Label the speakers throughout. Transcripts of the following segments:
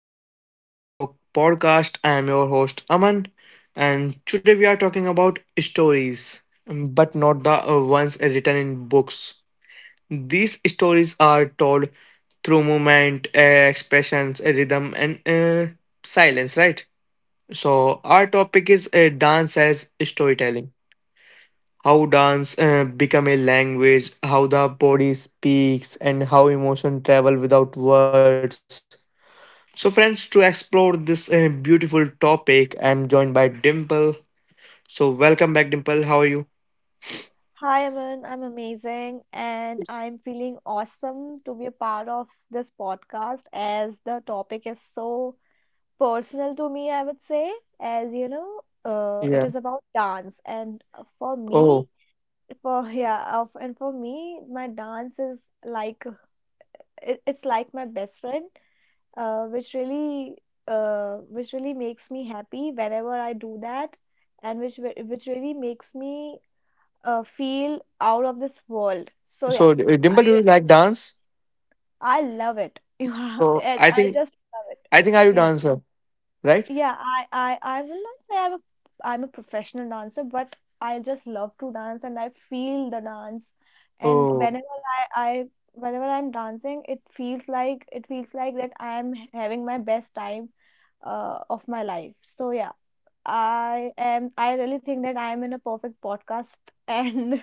Speaker 1: back to the Growth Talk podcast. I am your host Aman, and today we are talking about stories, but not the ones written in books. These stories are told through movement, expressions, rhythm, and silence, right? So, our topic is dance as storytelling. How dance become a language, how the body speaks, and how emotion travel without words. So, friends, to explore this beautiful topic, I'm joined by Dimple. So, welcome back, Dimple. How are you?
Speaker 2: Hi, Aman. I'm amazing and I'm feeling awesome to be a part of this podcast as the topic is so personal to me, I would say, as you know, it is
Speaker 1: Yeah.
Speaker 2: about dance and for me,
Speaker 1: Oh,
Speaker 2: for yeah, of and for me, my dance is like it's like my best friend, uh, which really which really makes me happy whenever I do that and which really makes me feel out of this world. So yeah,
Speaker 1: so
Speaker 2: I
Speaker 1: Dimple, do you
Speaker 2: really
Speaker 1: like dance?
Speaker 2: I love it. Yeah,
Speaker 1: So,
Speaker 2: I
Speaker 1: I
Speaker 2: I
Speaker 1: think
Speaker 2: just love it.
Speaker 1: I think are you
Speaker 2: Yeah,
Speaker 1: dancer, right?
Speaker 2: yeah. I will not say I'm a professional dancer, but I just love to dance and I feel the dance. And
Speaker 1: Oh,
Speaker 2: I I whenever I'm dancing, it feels like that I'm having my best time of my life. So yeah. I am. I really think that I am in a perfect podcast, and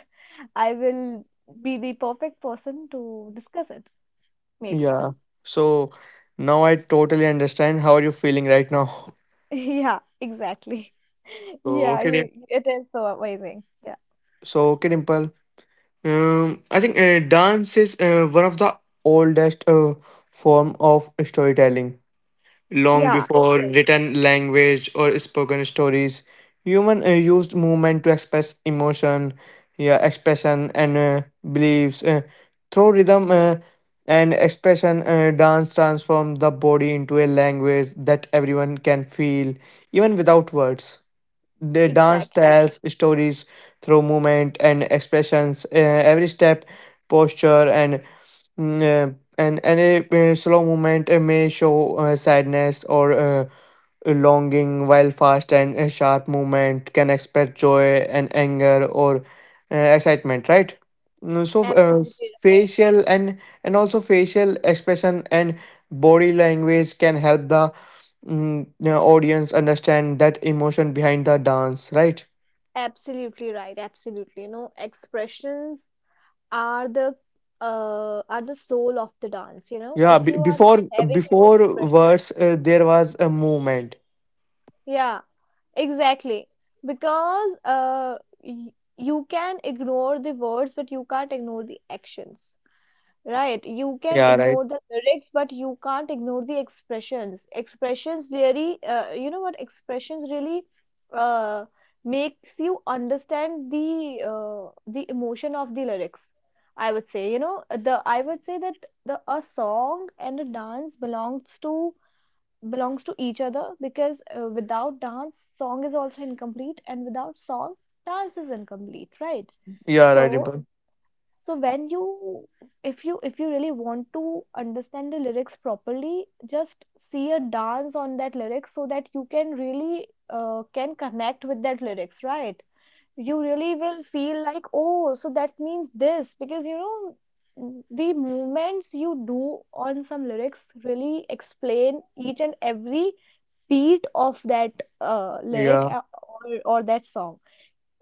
Speaker 2: I will be the perfect person to discuss it, maybe.
Speaker 1: yeah. So now I totally understand how are you feeling right now.
Speaker 2: Yeah, exactly.
Speaker 1: So
Speaker 2: Yeah,
Speaker 1: okay,
Speaker 2: you, it is so amazing. Yeah.
Speaker 1: Dimple. I think dance is one of the oldest form of storytelling. Long
Speaker 2: Yeah, it
Speaker 1: before
Speaker 2: is.
Speaker 1: written language or spoken stories. Human used movement to express emotion, yeah, expression and beliefs through rhythm and expression. Dance transformed the body into a language that everyone can feel, even without words. The dance
Speaker 2: Exactly.
Speaker 1: tells stories through movement and expressions. Every step, posture, and mm, and any slow movement may show sadness or longing, while fast and sharp movement can express joy and anger or excitement. Right. So
Speaker 2: Absolutely right.
Speaker 1: facial and also facial expression and body language can help the the audience understand that emotion behind the dance, right?
Speaker 2: Absolutely right. Absolutely. You know, expressions are the are the soul of the dance, you know.
Speaker 1: yeah
Speaker 2: If
Speaker 1: be-
Speaker 2: you are
Speaker 1: before
Speaker 2: having an
Speaker 1: before
Speaker 2: expression,
Speaker 1: words there was a movement.
Speaker 2: yeah, exactly. Because y you can ignore the words, but you can't ignore the actions. Right, you can
Speaker 1: Yeah, right.
Speaker 2: ignore the lyrics, but you can't ignore the expressions. Expressions really, expressions really uh, makes you understand the emotion of the lyrics. I would say, you know. The I would say that the a song and a dance belongs to belongs to each other because without dance, song is also incomplete, and without song, dance is incomplete, right?
Speaker 1: Yeah, right,
Speaker 2: So
Speaker 1: Dimple.
Speaker 2: so when you if you really want to understand the lyrics properly, just see a dance on that lyrics so that you can really can connect with that lyrics, right? You really will feel like, oh, so that means this because you know the movements you do on some lyrics really explain each and every beat of that uh, lyric
Speaker 1: Yeah,
Speaker 2: uh, or, or that song.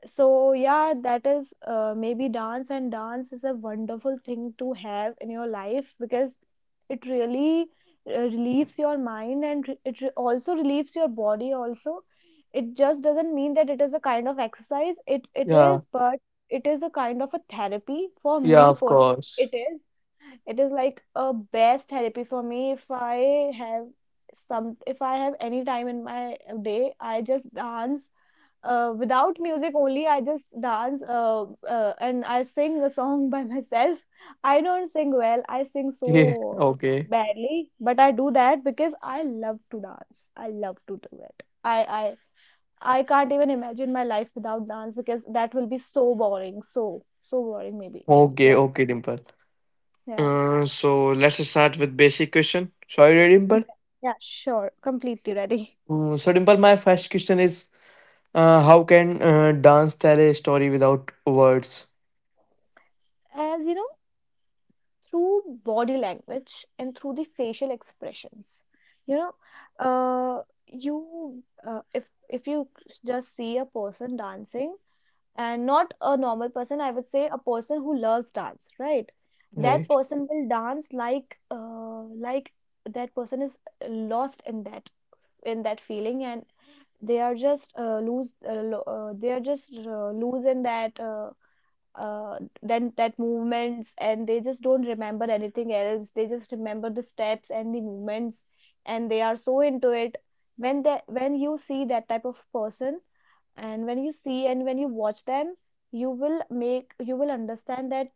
Speaker 2: So yeah, that is maybe dance, and dance is a wonderful thing to have in your life because it really relieves your mind and also relieves your body also. It just doesn't mean that it is a kind of exercise. It
Speaker 1: yeah,
Speaker 2: is, but it is a kind of a therapy for
Speaker 1: yeah,
Speaker 2: me
Speaker 1: of
Speaker 2: personally.
Speaker 1: course.
Speaker 2: It is. It is like a best therapy for me if I have some if I have any time in my day, I just dance without music only. I just dance, and I sing a song by myself. I don't sing well, I sing
Speaker 1: Yeah.
Speaker 2: so
Speaker 1: Okay,
Speaker 2: badly, but I do that because I love to dance, I love to do it. I can't even imagine my life without dance because that will be so boring, so boring maybe.
Speaker 1: okay
Speaker 2: Yeah,
Speaker 1: okay dimple
Speaker 2: yeah,
Speaker 1: So let's start with basic question, sorry Dimple.
Speaker 2: exactly. Yeah, sure, completely ready.
Speaker 1: So Dimple my first question is: how can dance tell a story without words?
Speaker 2: As you know, through body language and through the facial expressions, you know, you if you just see a person dancing, and not a normal person, I would say a person who loves dance, right? that
Speaker 1: Right.
Speaker 2: person will dance like That person is lost in that, in that feeling, and they are just they are just lose in that, then that movements, and they just don't remember anything else. They just remember the steps and the movements, and they are so into it. When they when you see that type of person, and when you see and when you watch them, you will understand that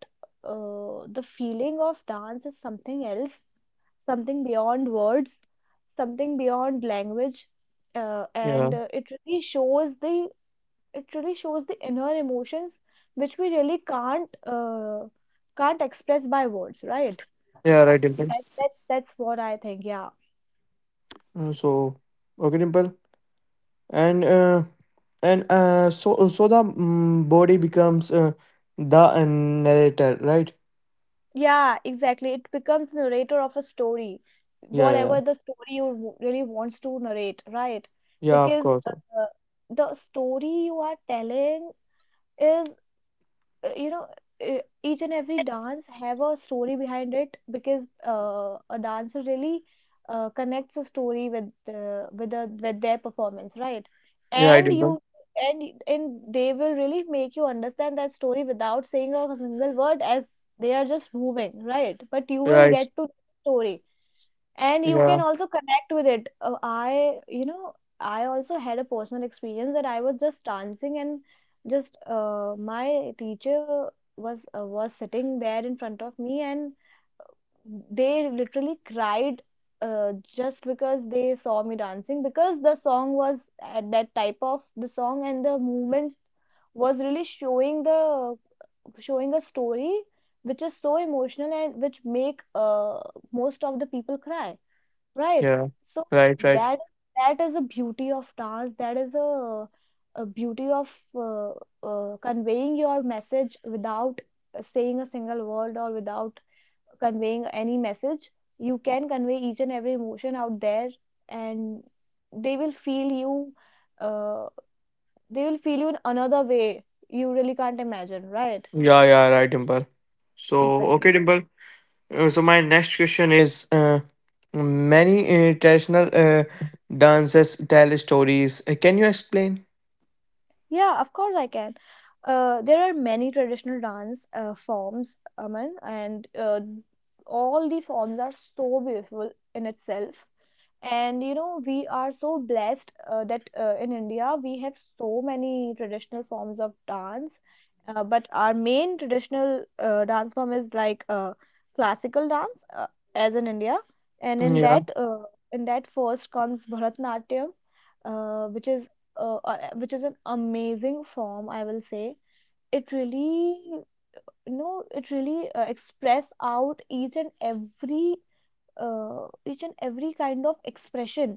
Speaker 2: the feeling of dance is something else, something beyond words, something beyond language,
Speaker 1: Yeah,
Speaker 2: and it really shows the it really shows the inner emotions which we really can't express by words, right?
Speaker 1: yeah, right Dimple.
Speaker 2: That's what I think, yeah.
Speaker 1: So okay Dimple, and uh, and so so the body becomes the narrator, right?
Speaker 2: Yeah, exactly. It becomes narrator of a story,
Speaker 1: Yeah, yeah, yeah.
Speaker 2: whatever the story you really wants to narrate, right?
Speaker 1: Yeah, of
Speaker 2: Because
Speaker 1: course.
Speaker 2: the story you are telling is, uh, you know e- each and every dance have a story behind it because a dancer really connects a story with their performance, right?
Speaker 1: Yeah, I
Speaker 2: And
Speaker 1: Dimple.
Speaker 2: you and and they will really make you understand that story without saying a single word, as they are just moving, right? But you will
Speaker 1: Right.
Speaker 2: get to the story and you
Speaker 1: Yeah,
Speaker 2: can also connect with it. I you know I also had a personal experience that I was just dancing, and just my teacher was sitting there in front of me, and they literally cried just because they saw me dancing, because the song was at that type of the song, and the movements was really showing the, showing a story which is so emotional and which make most of the people cry. Right.
Speaker 1: yeah,
Speaker 2: So
Speaker 1: right, right.
Speaker 2: that that is a beauty of dance. That is a beauty of uh, conveying your message without saying a single word or without conveying any message. You can convey each and every emotion out there, and they will feel you. Uh, they will feel you in another way you really can't imagine. Right.
Speaker 1: Yeah, yeah, right Dimple. So okay
Speaker 2: Exactly.
Speaker 1: Dimple. So my next question is: many traditional dances tell stories. Can you explain?
Speaker 2: Yeah, of course I can. There are many traditional dance forms, Aman, and all the forms are so beautiful in itself. And you know, we are so blessed that in India we have so many traditional forms of dance. But our main traditional dance form is like classical dance, as in India. And in
Speaker 1: Yeah,
Speaker 2: that, first comes Bharatanatyam, uh, which is which is an amazing form, I will say. It really, you know, it really express out each and every kind of expression.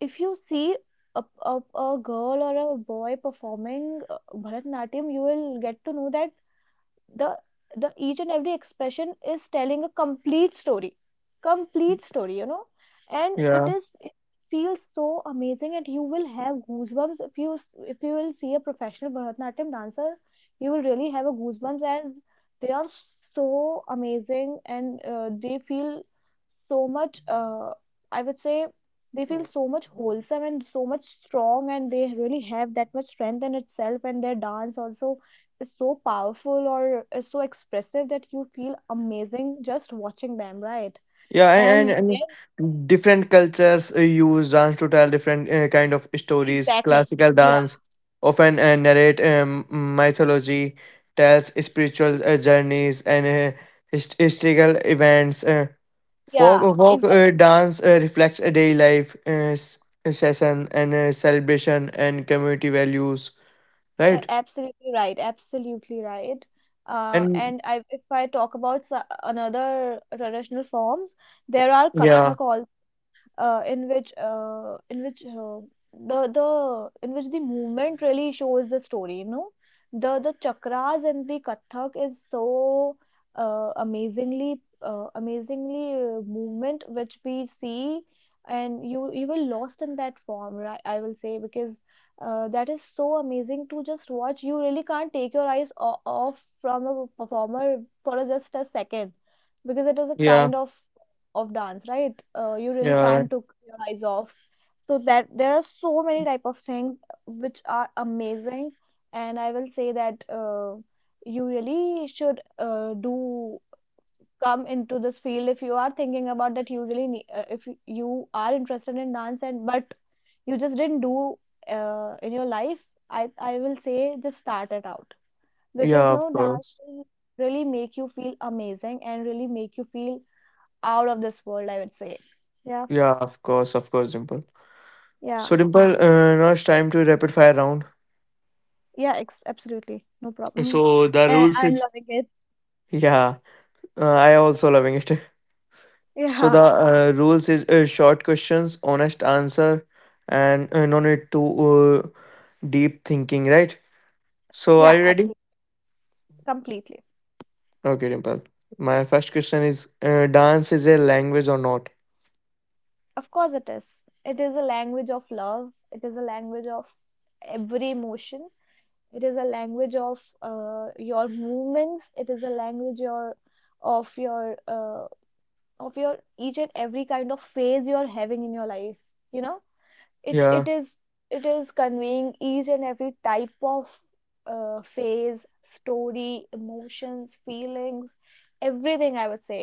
Speaker 2: If you see a girl or a boy performing Bharatanatyam, you will get to know that the the each and every expression is telling a complete story, you know, and it
Speaker 1: yeah.
Speaker 2: is it feels so amazing, and you will have goosebumps if if you will see a professional Bharatanatyam dancer, you will really have a goosebumps, as they are so amazing, and they feel so much I would say they feel so much wholesome and so much strong, and they really have that much strength in itself, and their dance also is so powerful or is so expressive that you feel amazing just watching them, right?
Speaker 1: Yeah, and,
Speaker 2: And
Speaker 1: and
Speaker 2: then,
Speaker 1: and different cultures use dance to tell different kind of stories.
Speaker 2: exactly.
Speaker 1: Classical
Speaker 2: Yeah,
Speaker 1: dance often narrate mythology, tells spiritual journeys and historical events. Uh, folk
Speaker 2: yeah,
Speaker 1: folk
Speaker 2: exactly.
Speaker 1: uh, dance reflects a daily life session and celebration and community values, right?
Speaker 2: Absolutely right. Absolutely right.
Speaker 1: And
Speaker 2: And I, if I talk about another traditional forms, there are
Speaker 1: yeah,
Speaker 2: Kathak, in which the in which the movement really shows the story. You know, the chakras in the Kathak is so amazingly movement which we see, and you will lost in that form, right? I will say because that is so amazing to just watch. You really can't take your eyes off from a performer for just a second because it is a
Speaker 1: yeah,
Speaker 2: kind of dance, right? You really
Speaker 1: yeah,
Speaker 2: can't took your eyes off. So that there are so many type of things which are amazing, and I will say that you really should do come into this field. If you are thinking about that, you really need, if you you are interested in dance and but you just didn't do in your life, I I will say just start it out, because
Speaker 1: yeah.
Speaker 2: no
Speaker 1: Of
Speaker 2: dance
Speaker 1: course,
Speaker 2: will really make you feel amazing and really make you feel out of this world, I would say. Yeah,
Speaker 1: yeah, of course, Dimple.
Speaker 2: yeah,
Speaker 1: So Dimple, now it's time to rapid fire round.
Speaker 2: yeah, ex absolutely. No problem.
Speaker 1: So the
Speaker 2: And
Speaker 1: rules
Speaker 2: I'm
Speaker 1: is,
Speaker 2: loving it.
Speaker 1: yeah, I also loving it. So
Speaker 2: Yeah,
Speaker 1: the rules is short questions, honest answer, and no need to deep thinking, right? So are
Speaker 2: yeah,
Speaker 1: you ready?
Speaker 2: absolutely. Completely.
Speaker 1: Okay, Dimple. My first question is: dance is a language or not?
Speaker 2: Of course, it is. It is a language of love. It is a language of every emotion. It is a language of your movements. It is a language your of your of your each and every kind of phase you're having in your life. You know. it
Speaker 1: Yeah,
Speaker 2: it is it is conveying each and every type of phase, story, emotions, feelings, everything, I would say.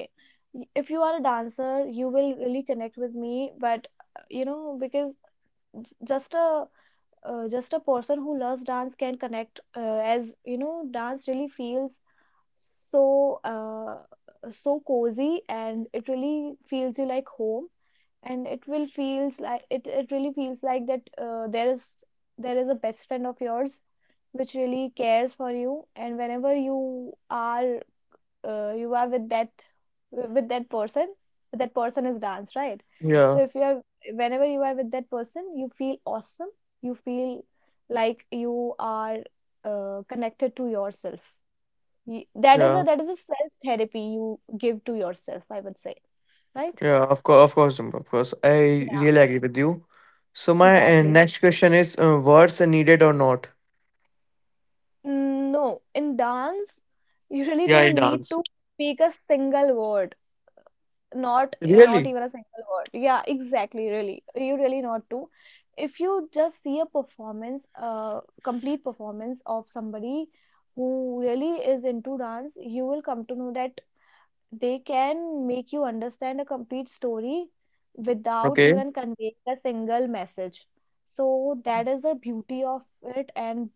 Speaker 2: If you are a dancer, you will really connect with me, but because j- just a just a person who loves dance can connect, as you know, dance really feels so uh, so cozy, and it really feels you like home. And it will feels like it really feels like that, there is a best friend of yours which really cares for you, and whenever you are with with that person that person is dance, right?
Speaker 1: yeah,
Speaker 2: so if you are Whenever you are with that person, you feel awesome. You feel like you are connected to yourself.
Speaker 1: yeah,
Speaker 2: That is a self therapy you give to yourself, I would say, right?
Speaker 1: yeah. Of course, Dimple. Of course, I
Speaker 2: Yeah,
Speaker 1: really agree with you. So my
Speaker 2: exactly.
Speaker 1: next question is: words are needed or not?
Speaker 2: Mm, no, in dance, you really
Speaker 1: Yeah, in
Speaker 2: don't need
Speaker 1: dance.
Speaker 2: to speak a single word. Not
Speaker 1: Really?
Speaker 2: even a single word. Yeah, exactly, really. You really not to. If you just see a complete performance of somebody who really is into dance, you will come to know that they can make you understand a complete story without
Speaker 1: Okay,
Speaker 2: even conveying a single message. So that is the beauty of it, and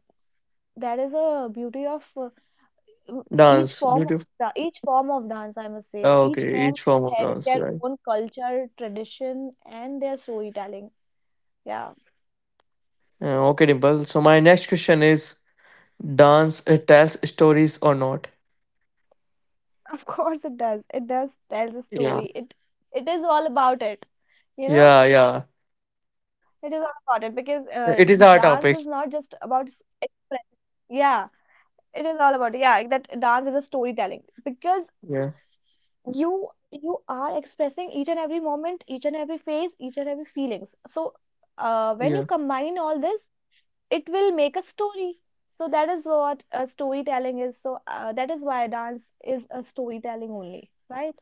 Speaker 2: that is a beauty of w- each
Speaker 1: dance.
Speaker 2: form of
Speaker 1: Beautiful.
Speaker 2: each form of dance, I must say.
Speaker 1: Oh,
Speaker 2: Each
Speaker 1: okay,
Speaker 2: form
Speaker 1: each form
Speaker 2: is
Speaker 1: of
Speaker 2: having
Speaker 1: dance,
Speaker 2: their
Speaker 1: right?
Speaker 2: own culture, tradition, and their storytelling. Yeah.
Speaker 1: Okay, Dimple. So my next question is, dance tells stories or not?
Speaker 2: Of course it does tell the
Speaker 1: Yeah.
Speaker 2: story. It is all about it, you know.
Speaker 1: Yeah,
Speaker 2: It is
Speaker 1: yeah.
Speaker 2: all about it, because dance is not just
Speaker 1: It is our
Speaker 2: about
Speaker 1: topic.
Speaker 2: express. Yeah, it is all about it. Yeah, that dance is a storytelling, because
Speaker 1: Yeah,
Speaker 2: you are expressing each and every moment, each and every phase, each and every feelings. So
Speaker 1: yeah.
Speaker 2: when you combine all this, it will make a story. So that is what storytelling is. So that is why dance is a storytelling only, right?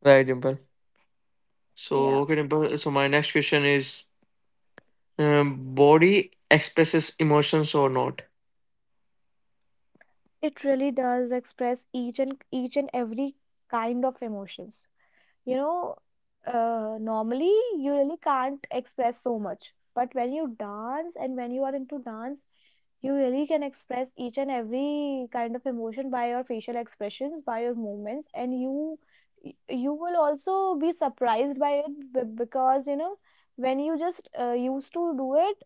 Speaker 1: Right, Dimple. So
Speaker 2: Yeah,
Speaker 1: okay, Dimple. So my next question is, body expresses emotions or not?
Speaker 2: it really does express each and every kind of emotions, you know. Normally you really can't express so much, but when you dance and when you are into dance, you really can express each and every kind of emotion by your facial expressions, by your movements, and you will also be surprised by it, because you know, when you just used to do it,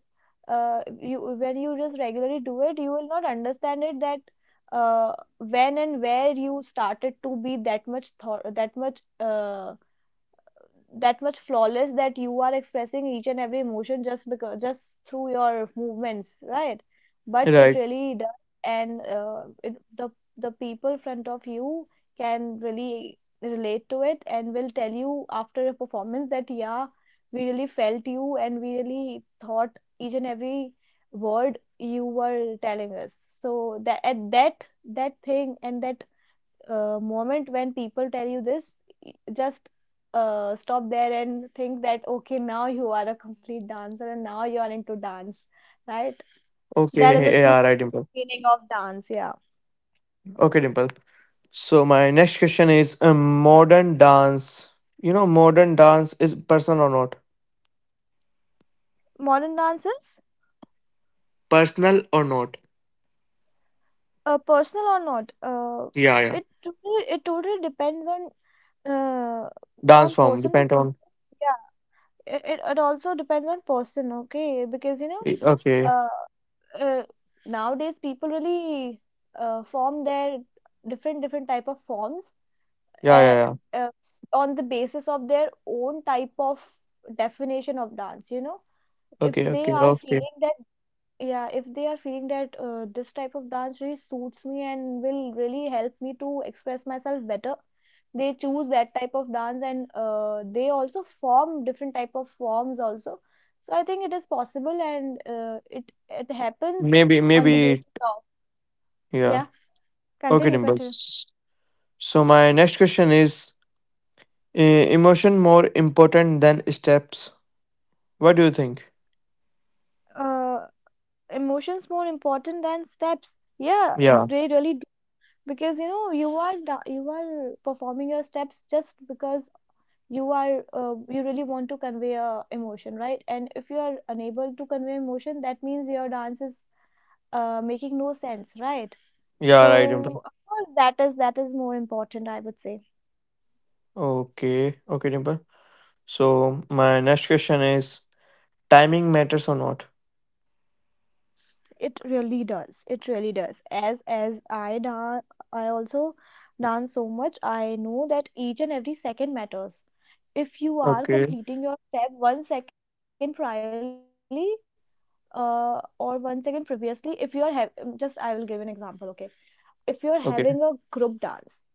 Speaker 2: you when you just regularly do it, you will not understand it that uh, when and where you started to be that much thought, that much that much flawless, that you are expressing each and every emotion just through your movements, right? But it
Speaker 1: Right.
Speaker 2: really does, and the people front of you can really relate to it and will tell you after a performance that, yeah, we really felt you and we really thought each and every word you were telling us. So that at that thing, and that moment when people tell you this, y- just stop there and think that, okay, now you are a complete dancer and now you are into dance, right?
Speaker 1: Okay.
Speaker 2: That is a
Speaker 1: Yeah. Right,
Speaker 2: true
Speaker 1: Dimple.
Speaker 2: meaning of dance, yeah.
Speaker 1: Okay, Dimple. So my next question is, modern dance. You know, modern dance is personal or not?
Speaker 2: Modern dances,
Speaker 1: Personal or not?
Speaker 2: personal or not,
Speaker 1: Yeah, yeah.
Speaker 2: it totally depends uh,
Speaker 1: Dance
Speaker 2: on
Speaker 1: form
Speaker 2: person to.
Speaker 1: depend on.
Speaker 2: Yeah. It also depends on person, okay? Because you know,
Speaker 1: Eh, okay.
Speaker 2: uh, uh, nowadays people really form their different different type of forms,
Speaker 1: Yeah,
Speaker 2: uh,
Speaker 1: yeah, yeah.
Speaker 2: uh, on the basis of their own type of definition of dance, you know, if
Speaker 1: Okay,
Speaker 2: they
Speaker 1: okay,
Speaker 2: are
Speaker 1: okay.
Speaker 2: feeling that, yeah, if they are feeling that this type of dance really suits me and will really help me to express myself better, they choose that type of dance, and they also form different type of forms also. So I think it is possible, and it happens
Speaker 1: Maybe,
Speaker 2: on the
Speaker 1: maybe.
Speaker 2: basis of.
Speaker 1: Yeah.
Speaker 2: Yeah.
Speaker 1: Okay,
Speaker 2: Continue, continue.
Speaker 1: Dimples. So my next question is: eh, emotion more important than steps? What do you think?
Speaker 2: uh, Emotions more important than steps. Yeah,
Speaker 1: Yeah.
Speaker 2: they really do, because you know you are performing your steps just because you really want to convey a emotion, right? And if you are unable to convey emotion, that means your dance is making no sense, right?
Speaker 1: Yeah. Right, Dimple.
Speaker 2: So of course that is more important, I would say.
Speaker 1: Okay. Okay, Dimple. So my next question is: timing matters or not?
Speaker 2: It really does. It really does. As I also dance so much, I know that each and every second matters. If you are
Speaker 1: Okay.
Speaker 2: completing your step 1 second priorly, or 1 second previously, if you are have just I will give an example, okay? If you are
Speaker 1: Okay.
Speaker 2: having a group dance,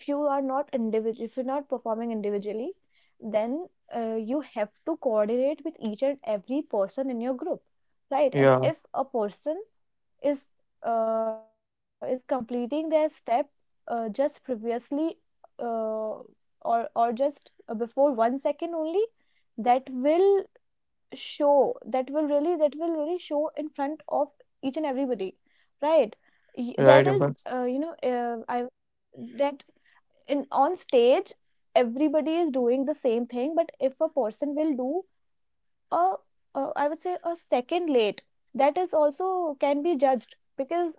Speaker 2: if you are not individual, if you're not performing individually, then you have to coordinate with each and every person in your group,
Speaker 1: Yeah.
Speaker 2: right? And if a person is is completing their step just previously, uh, or just before 1 second only, that will show that will really show in front of each and everybody, right? Y-
Speaker 1: Right,
Speaker 2: that is
Speaker 1: Dimple.
Speaker 2: I that in On stage, everybody is doing the same thing, but if a person will do a a, I would say, a second late, that is also can be judged, because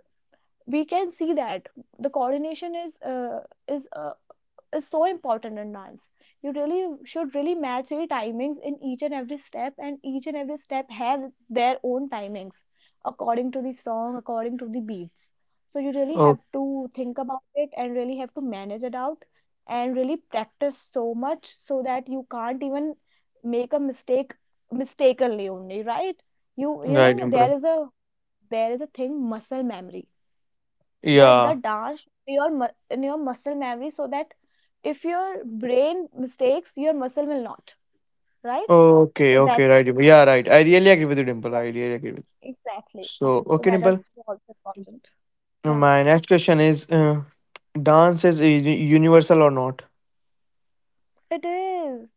Speaker 2: we can see that the coordination is uh, is so important in dance. You really should really match your timings in each and every step, and each and every step have their own timings, according to the song, according to the beats. So you really
Speaker 1: Oh,
Speaker 2: have to think about it and really have to manage it out, and really practice so much so that you can't even make a mistake mistakenly only, right? You
Speaker 1: right,
Speaker 2: know
Speaker 1: Dimple.
Speaker 2: there is a thing, muscle memory. The
Speaker 1: Yeah.
Speaker 2: dance in your muscle memory, so that if your brain mistakes, your muscle will not, right?
Speaker 1: Okay,
Speaker 2: So that,
Speaker 1: okay, right. Dimple. Yeah, right. I really agree with you, Dimple.
Speaker 2: yeah,
Speaker 1: I really agree with you.
Speaker 2: exactly,
Speaker 1: So,
Speaker 2: so
Speaker 1: okay,
Speaker 2: that is
Speaker 1: Dimple.
Speaker 2: also important. Yeah,
Speaker 1: My next question is dance is universal or not?
Speaker 2: it is,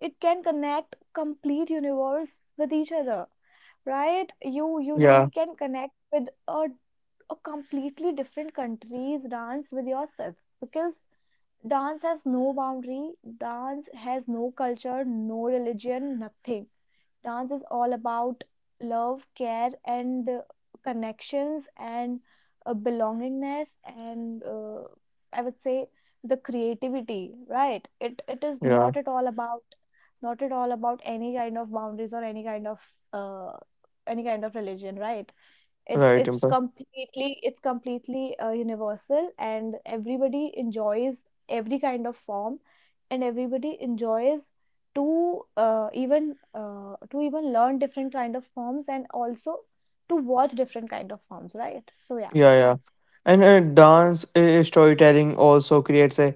Speaker 2: it can connect complete universe with each other, right? You
Speaker 1: Yeah,
Speaker 2: really can connect with a completely different country's dance with yourself, because dance has no boundary. Dance has no culture, no religion, nothing. Dance is all about love, care, and connections, and belongingness, and I would say the creativity. Right? It is
Speaker 1: yeah,
Speaker 2: not at all about any kind of boundaries or uh, any kind of religion. Right? It's
Speaker 1: right,
Speaker 2: it's
Speaker 1: Dimple.
Speaker 2: completely universal, and everybody enjoys every kind of form, and everybody enjoys to even to even learn different kind of forms, and also to watch different kind of forms, right? So yeah.
Speaker 1: Yeah, yeah. And dance storytelling also creates a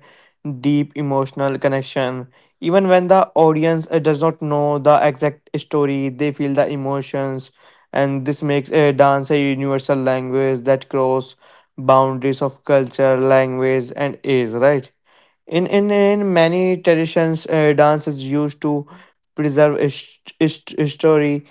Speaker 1: deep emotional connection. Even when the audience does not know the exact story, they feel the emotions, and this makes a dance a universal language that cross boundaries of culture, language, and age, right? In many traditions, dance is used to preserve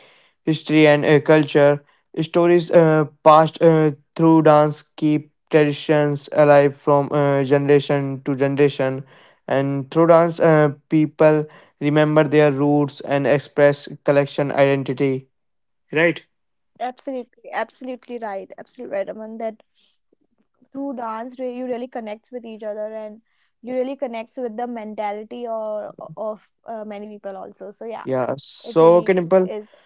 Speaker 1: history and culture. Stories passed through dance keep traditions alive from generation to generation, and through dance, people remember their roots and express collection identity, right.
Speaker 2: Absolutely, absolutely right. Absolutely right, Aman. That through you really connect with each other, and you really connect with the mentality or of many people also, so yeah,
Speaker 1: Yeah,
Speaker 2: it
Speaker 1: so okay,
Speaker 2: really
Speaker 1: Dimple.
Speaker 2: is.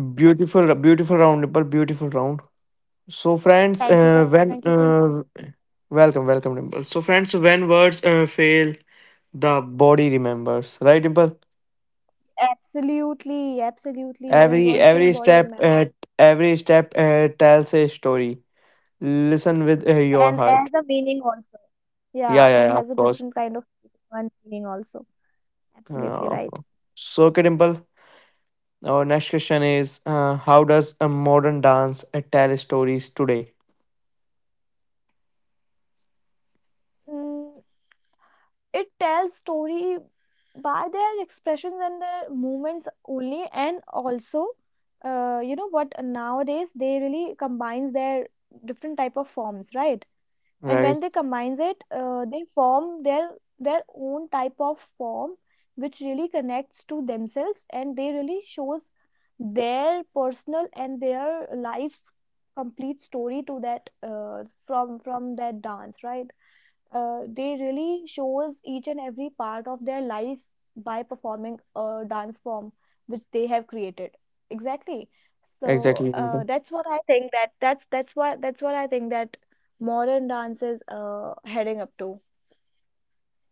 Speaker 2: Yeah.
Speaker 1: Beautiful, beautiful round, Dimple. Beautiful round. So, friends,
Speaker 2: Thank you so
Speaker 1: when
Speaker 2: much.
Speaker 1: welcome, welcome, Dimple. So, friends, when words fail, the body remembers, right, Dimple?
Speaker 2: Absolutely, absolutely.
Speaker 1: Every
Speaker 2: Even words
Speaker 1: every
Speaker 2: fail,
Speaker 1: step,
Speaker 2: body remember.
Speaker 1: tells a story. Listen with your
Speaker 2: And
Speaker 1: heart.
Speaker 2: as a meaning also.
Speaker 1: Yeah, yeah,
Speaker 2: Yeah,
Speaker 1: yeah, of
Speaker 2: and has
Speaker 1: course.
Speaker 2: a different kind of one meaning also.
Speaker 1: Of course.
Speaker 2: Absolutely right.
Speaker 1: So, okay, Dimple. Our next question is: how does a modern dance tell stories today?
Speaker 2: Mm, it tells story by their expressions and their movements only, and also, you know what? Nowadays they really combines their different type of forms, right? And when
Speaker 1: Right,
Speaker 2: they combines it, they form their own type of form which really connects to themselves, and they really shows their personal and their life's complete story to that from that dance, right? They really shows each and every part of their life by performing a dance form which they have created. Exactly. So
Speaker 1: exactly, Dimple.
Speaker 2: that's what I think, that that's why, that's what I think that modern dance is heading up to.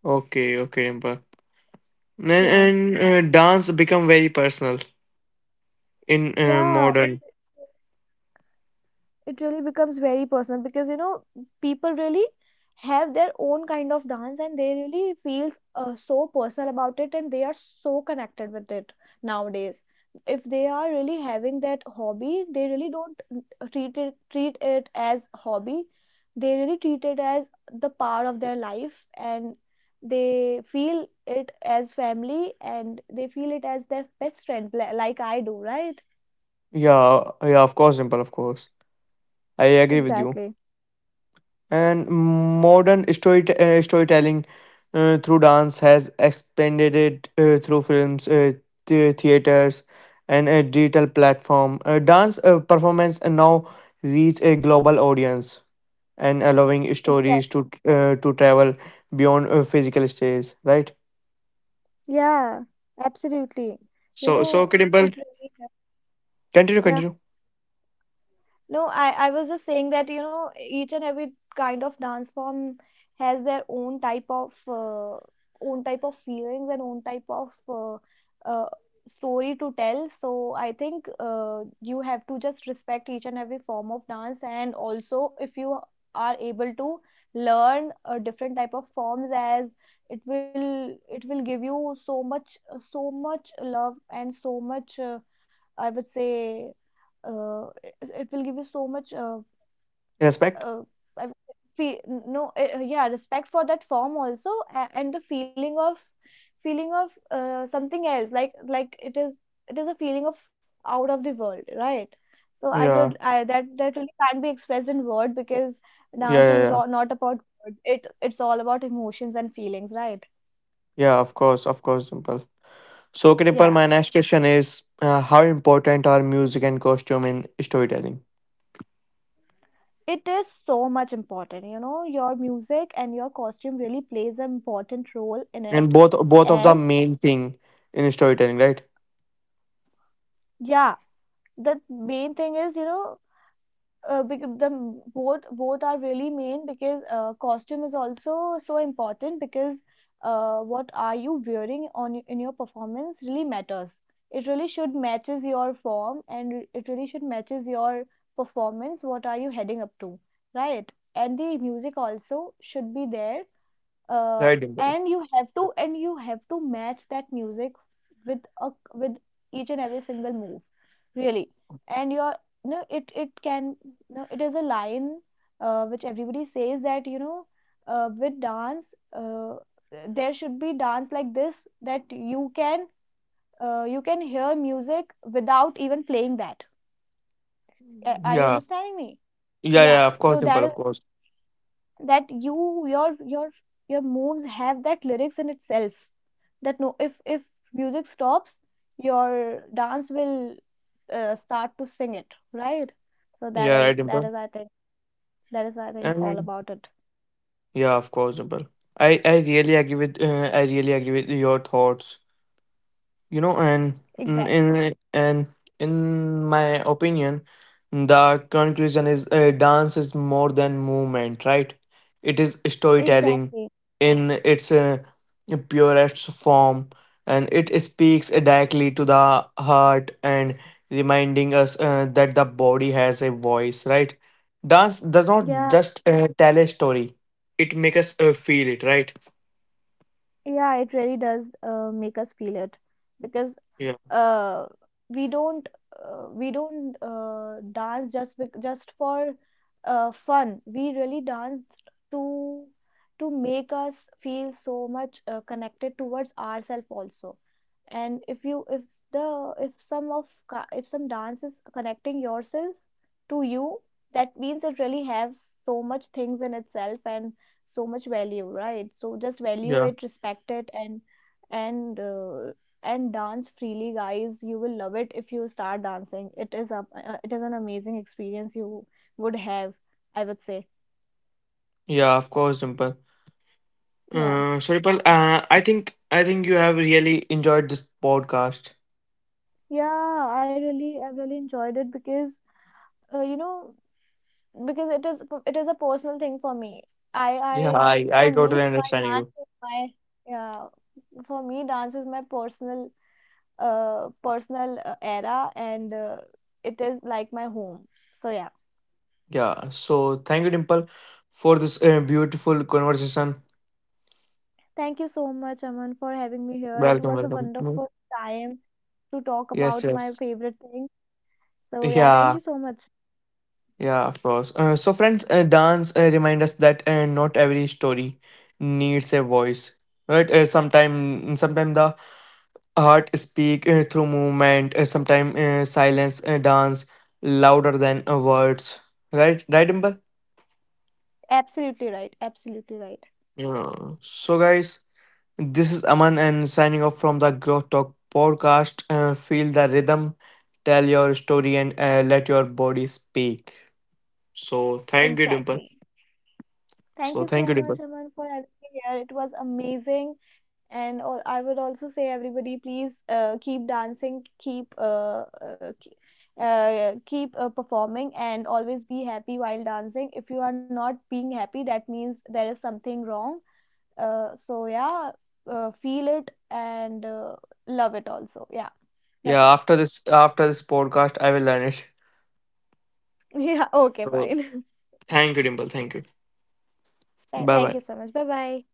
Speaker 1: Okay, okay, Dimple. And,
Speaker 2: Yeah,
Speaker 1: and uh, dance become very personal in
Speaker 2: yeah,
Speaker 1: modern.
Speaker 2: it really becomes very personal, because you know people really have their own kind of dance, and they really feel so personal about it, and they are so connected with it nowadays. If they are really having that hobby, they really don't treat it as hobby. They really treat it as the part of their life, and they feel it as family, and they feel it as their best friend, like I do, right?
Speaker 1: Yeah, yeah, of course Simple, of course, I agree with you.
Speaker 2: Exactly.
Speaker 1: And modern story storytelling through dance has expanded it through films, theaters and a digital platform. Dance performance and now reach a global audience and allowing stories
Speaker 2: Exactly.
Speaker 1: to travel beyond physical stage, right?
Speaker 2: Yeah, absolutely. You
Speaker 1: So so
Speaker 2: know,
Speaker 1: okay, Dimple,
Speaker 2: it really,
Speaker 1: continue
Speaker 2: yeah.
Speaker 1: continue.
Speaker 2: No, I was just saying that, you know, each and every kind of dance form has their own type of feelings, and own type of uh, story to tell. So I think you have to just respect each and every form of dance, and also if you are able to learn a different type of forms, as it will give you so much so much love, and so much I would say, uh, it, it will give you so much
Speaker 1: Respect.
Speaker 2: uh, I would say, fe- no yeah, respect for that form also, and the feeling of feeling of something else, like it is a feeling of out of the world, right? So I would
Speaker 1: Yeah,
Speaker 2: I that that really can't be expressed in word, because
Speaker 1: yeah, yeah, yeah,
Speaker 2: not about words. It's all about emotions and feelings, right?
Speaker 1: yeah, of course, of course, Dimple. So, Kripal,
Speaker 2: Yeah.
Speaker 1: my next question is: how important are music and costume in storytelling?
Speaker 2: It is so much important, you know, your music and your costume really plays an important role in
Speaker 1: And
Speaker 2: it.
Speaker 1: both, both of the
Speaker 2: As
Speaker 1: main thing in storytelling, right?
Speaker 2: yeah, the main thing is, you know, because the both are really main, because costume is also so important, because what are you wearing on in your performance really matters. It really should matches your form, and it really should matches your performance. What are you heading up to, right? And the music also should be there, uh,
Speaker 1: Right, Dimple.
Speaker 2: and you have to match that music with each and every single move, really. And your, no, it can, no, it is a line which everybody says that, you know, with dance, uh, there should be dance like this, that you can hear music without even playing that. Are you
Speaker 1: Yeah,
Speaker 2: understanding me?
Speaker 1: yeah,
Speaker 2: Yeah,
Speaker 1: yeah. Of course,
Speaker 2: so
Speaker 1: Dimple.
Speaker 2: that
Speaker 1: Of course.
Speaker 2: that you your your your moves have that lyrics in itself, that, no, if music stops, your dance will start to sing it, right? So
Speaker 1: Yeah, right, Dimple.
Speaker 2: that is, I think, all
Speaker 1: And
Speaker 2: about it.
Speaker 1: yeah, of course, Dimple. I really agree with I really agree with your thoughts you know, and in
Speaker 2: Exactly,
Speaker 1: in- and in my opinion the conclusion is dance is more than movement, right? It is storytelling
Speaker 2: exactly.
Speaker 1: in its purest form, and it speaks directly to the heart and reminding us that the body has a voice, right? Dance does not
Speaker 2: Yeah,
Speaker 1: just tell a story, it makes us feel it, right?
Speaker 2: yeah, it really does make us feel it, because
Speaker 1: Yeah,
Speaker 2: uh, we don't we don't dance just just for fun. We really dance to make us feel so much connected towards ourselves also. And if if some dance is connecting yourself to you, that means it really has so much things in itself and so much value, right? So just value
Speaker 1: yeah,
Speaker 2: it, respect it, and and dance freely, guys. You will love it if you start dancing. It is an amazing experience you would have, I would say.
Speaker 1: yeah, of course Dimple.
Speaker 2: Yeah,
Speaker 1: Sorry, Pal. I think you have really enjoyed this podcast.
Speaker 2: yeah, I really enjoyed it, because uh, you know because it is a personal thing for me. I
Speaker 1: Yeah,
Speaker 2: for
Speaker 1: I
Speaker 2: me
Speaker 1: totally
Speaker 2: my
Speaker 1: understand
Speaker 2: dance
Speaker 1: you.
Speaker 2: is my Yeah, for me, dance is my personal, personal, era. And it is like my home, so yeah.
Speaker 1: Yeah. So thank you, Dimple, for this beautiful conversation.
Speaker 2: Thank you so much, Aman, for having me here. It
Speaker 1: Welcome,
Speaker 2: was a
Speaker 1: welcome.
Speaker 2: wonderful time to talk
Speaker 1: Yes,
Speaker 2: about my
Speaker 1: yes.
Speaker 2: favorite thing. So, yeah, thank
Speaker 1: Yeah,
Speaker 2: you so much.
Speaker 1: yeah. Of course. So, friends, dance remind us that not every story needs a voice, right? Sometime, the art speak through movement, sometimes silence, dance, louder than words. Right, right, Imber?
Speaker 2: Absolutely right. Absolutely right.
Speaker 1: Yeah. So, guys, this is Aman and signing off from the Growth Talk podcast. Feel the rhythm, tell your story, and let your body speak. So, thank you, Dimple.
Speaker 2: Exactly. Thank
Speaker 1: So,
Speaker 2: you
Speaker 1: thank
Speaker 2: so
Speaker 1: you,
Speaker 2: much,
Speaker 1: Dimple.
Speaker 2: Aman, for having me here. It was amazing. And I would also say, everybody, please keep dancing, keep performing, and always be happy while dancing. If you are not being happy, that means there is something wrong. So yeah, feel it, and love it also. Yeah,
Speaker 1: Yeah,
Speaker 2: that's it.
Speaker 1: after this podcast, I will learn it.
Speaker 2: Yeah, okay,
Speaker 1: So,
Speaker 2: fine.
Speaker 1: thank you, Dimple. Thank you.
Speaker 2: Thank
Speaker 1: Bye,
Speaker 2: thank you
Speaker 1: bye.
Speaker 2: so much. Bye bye.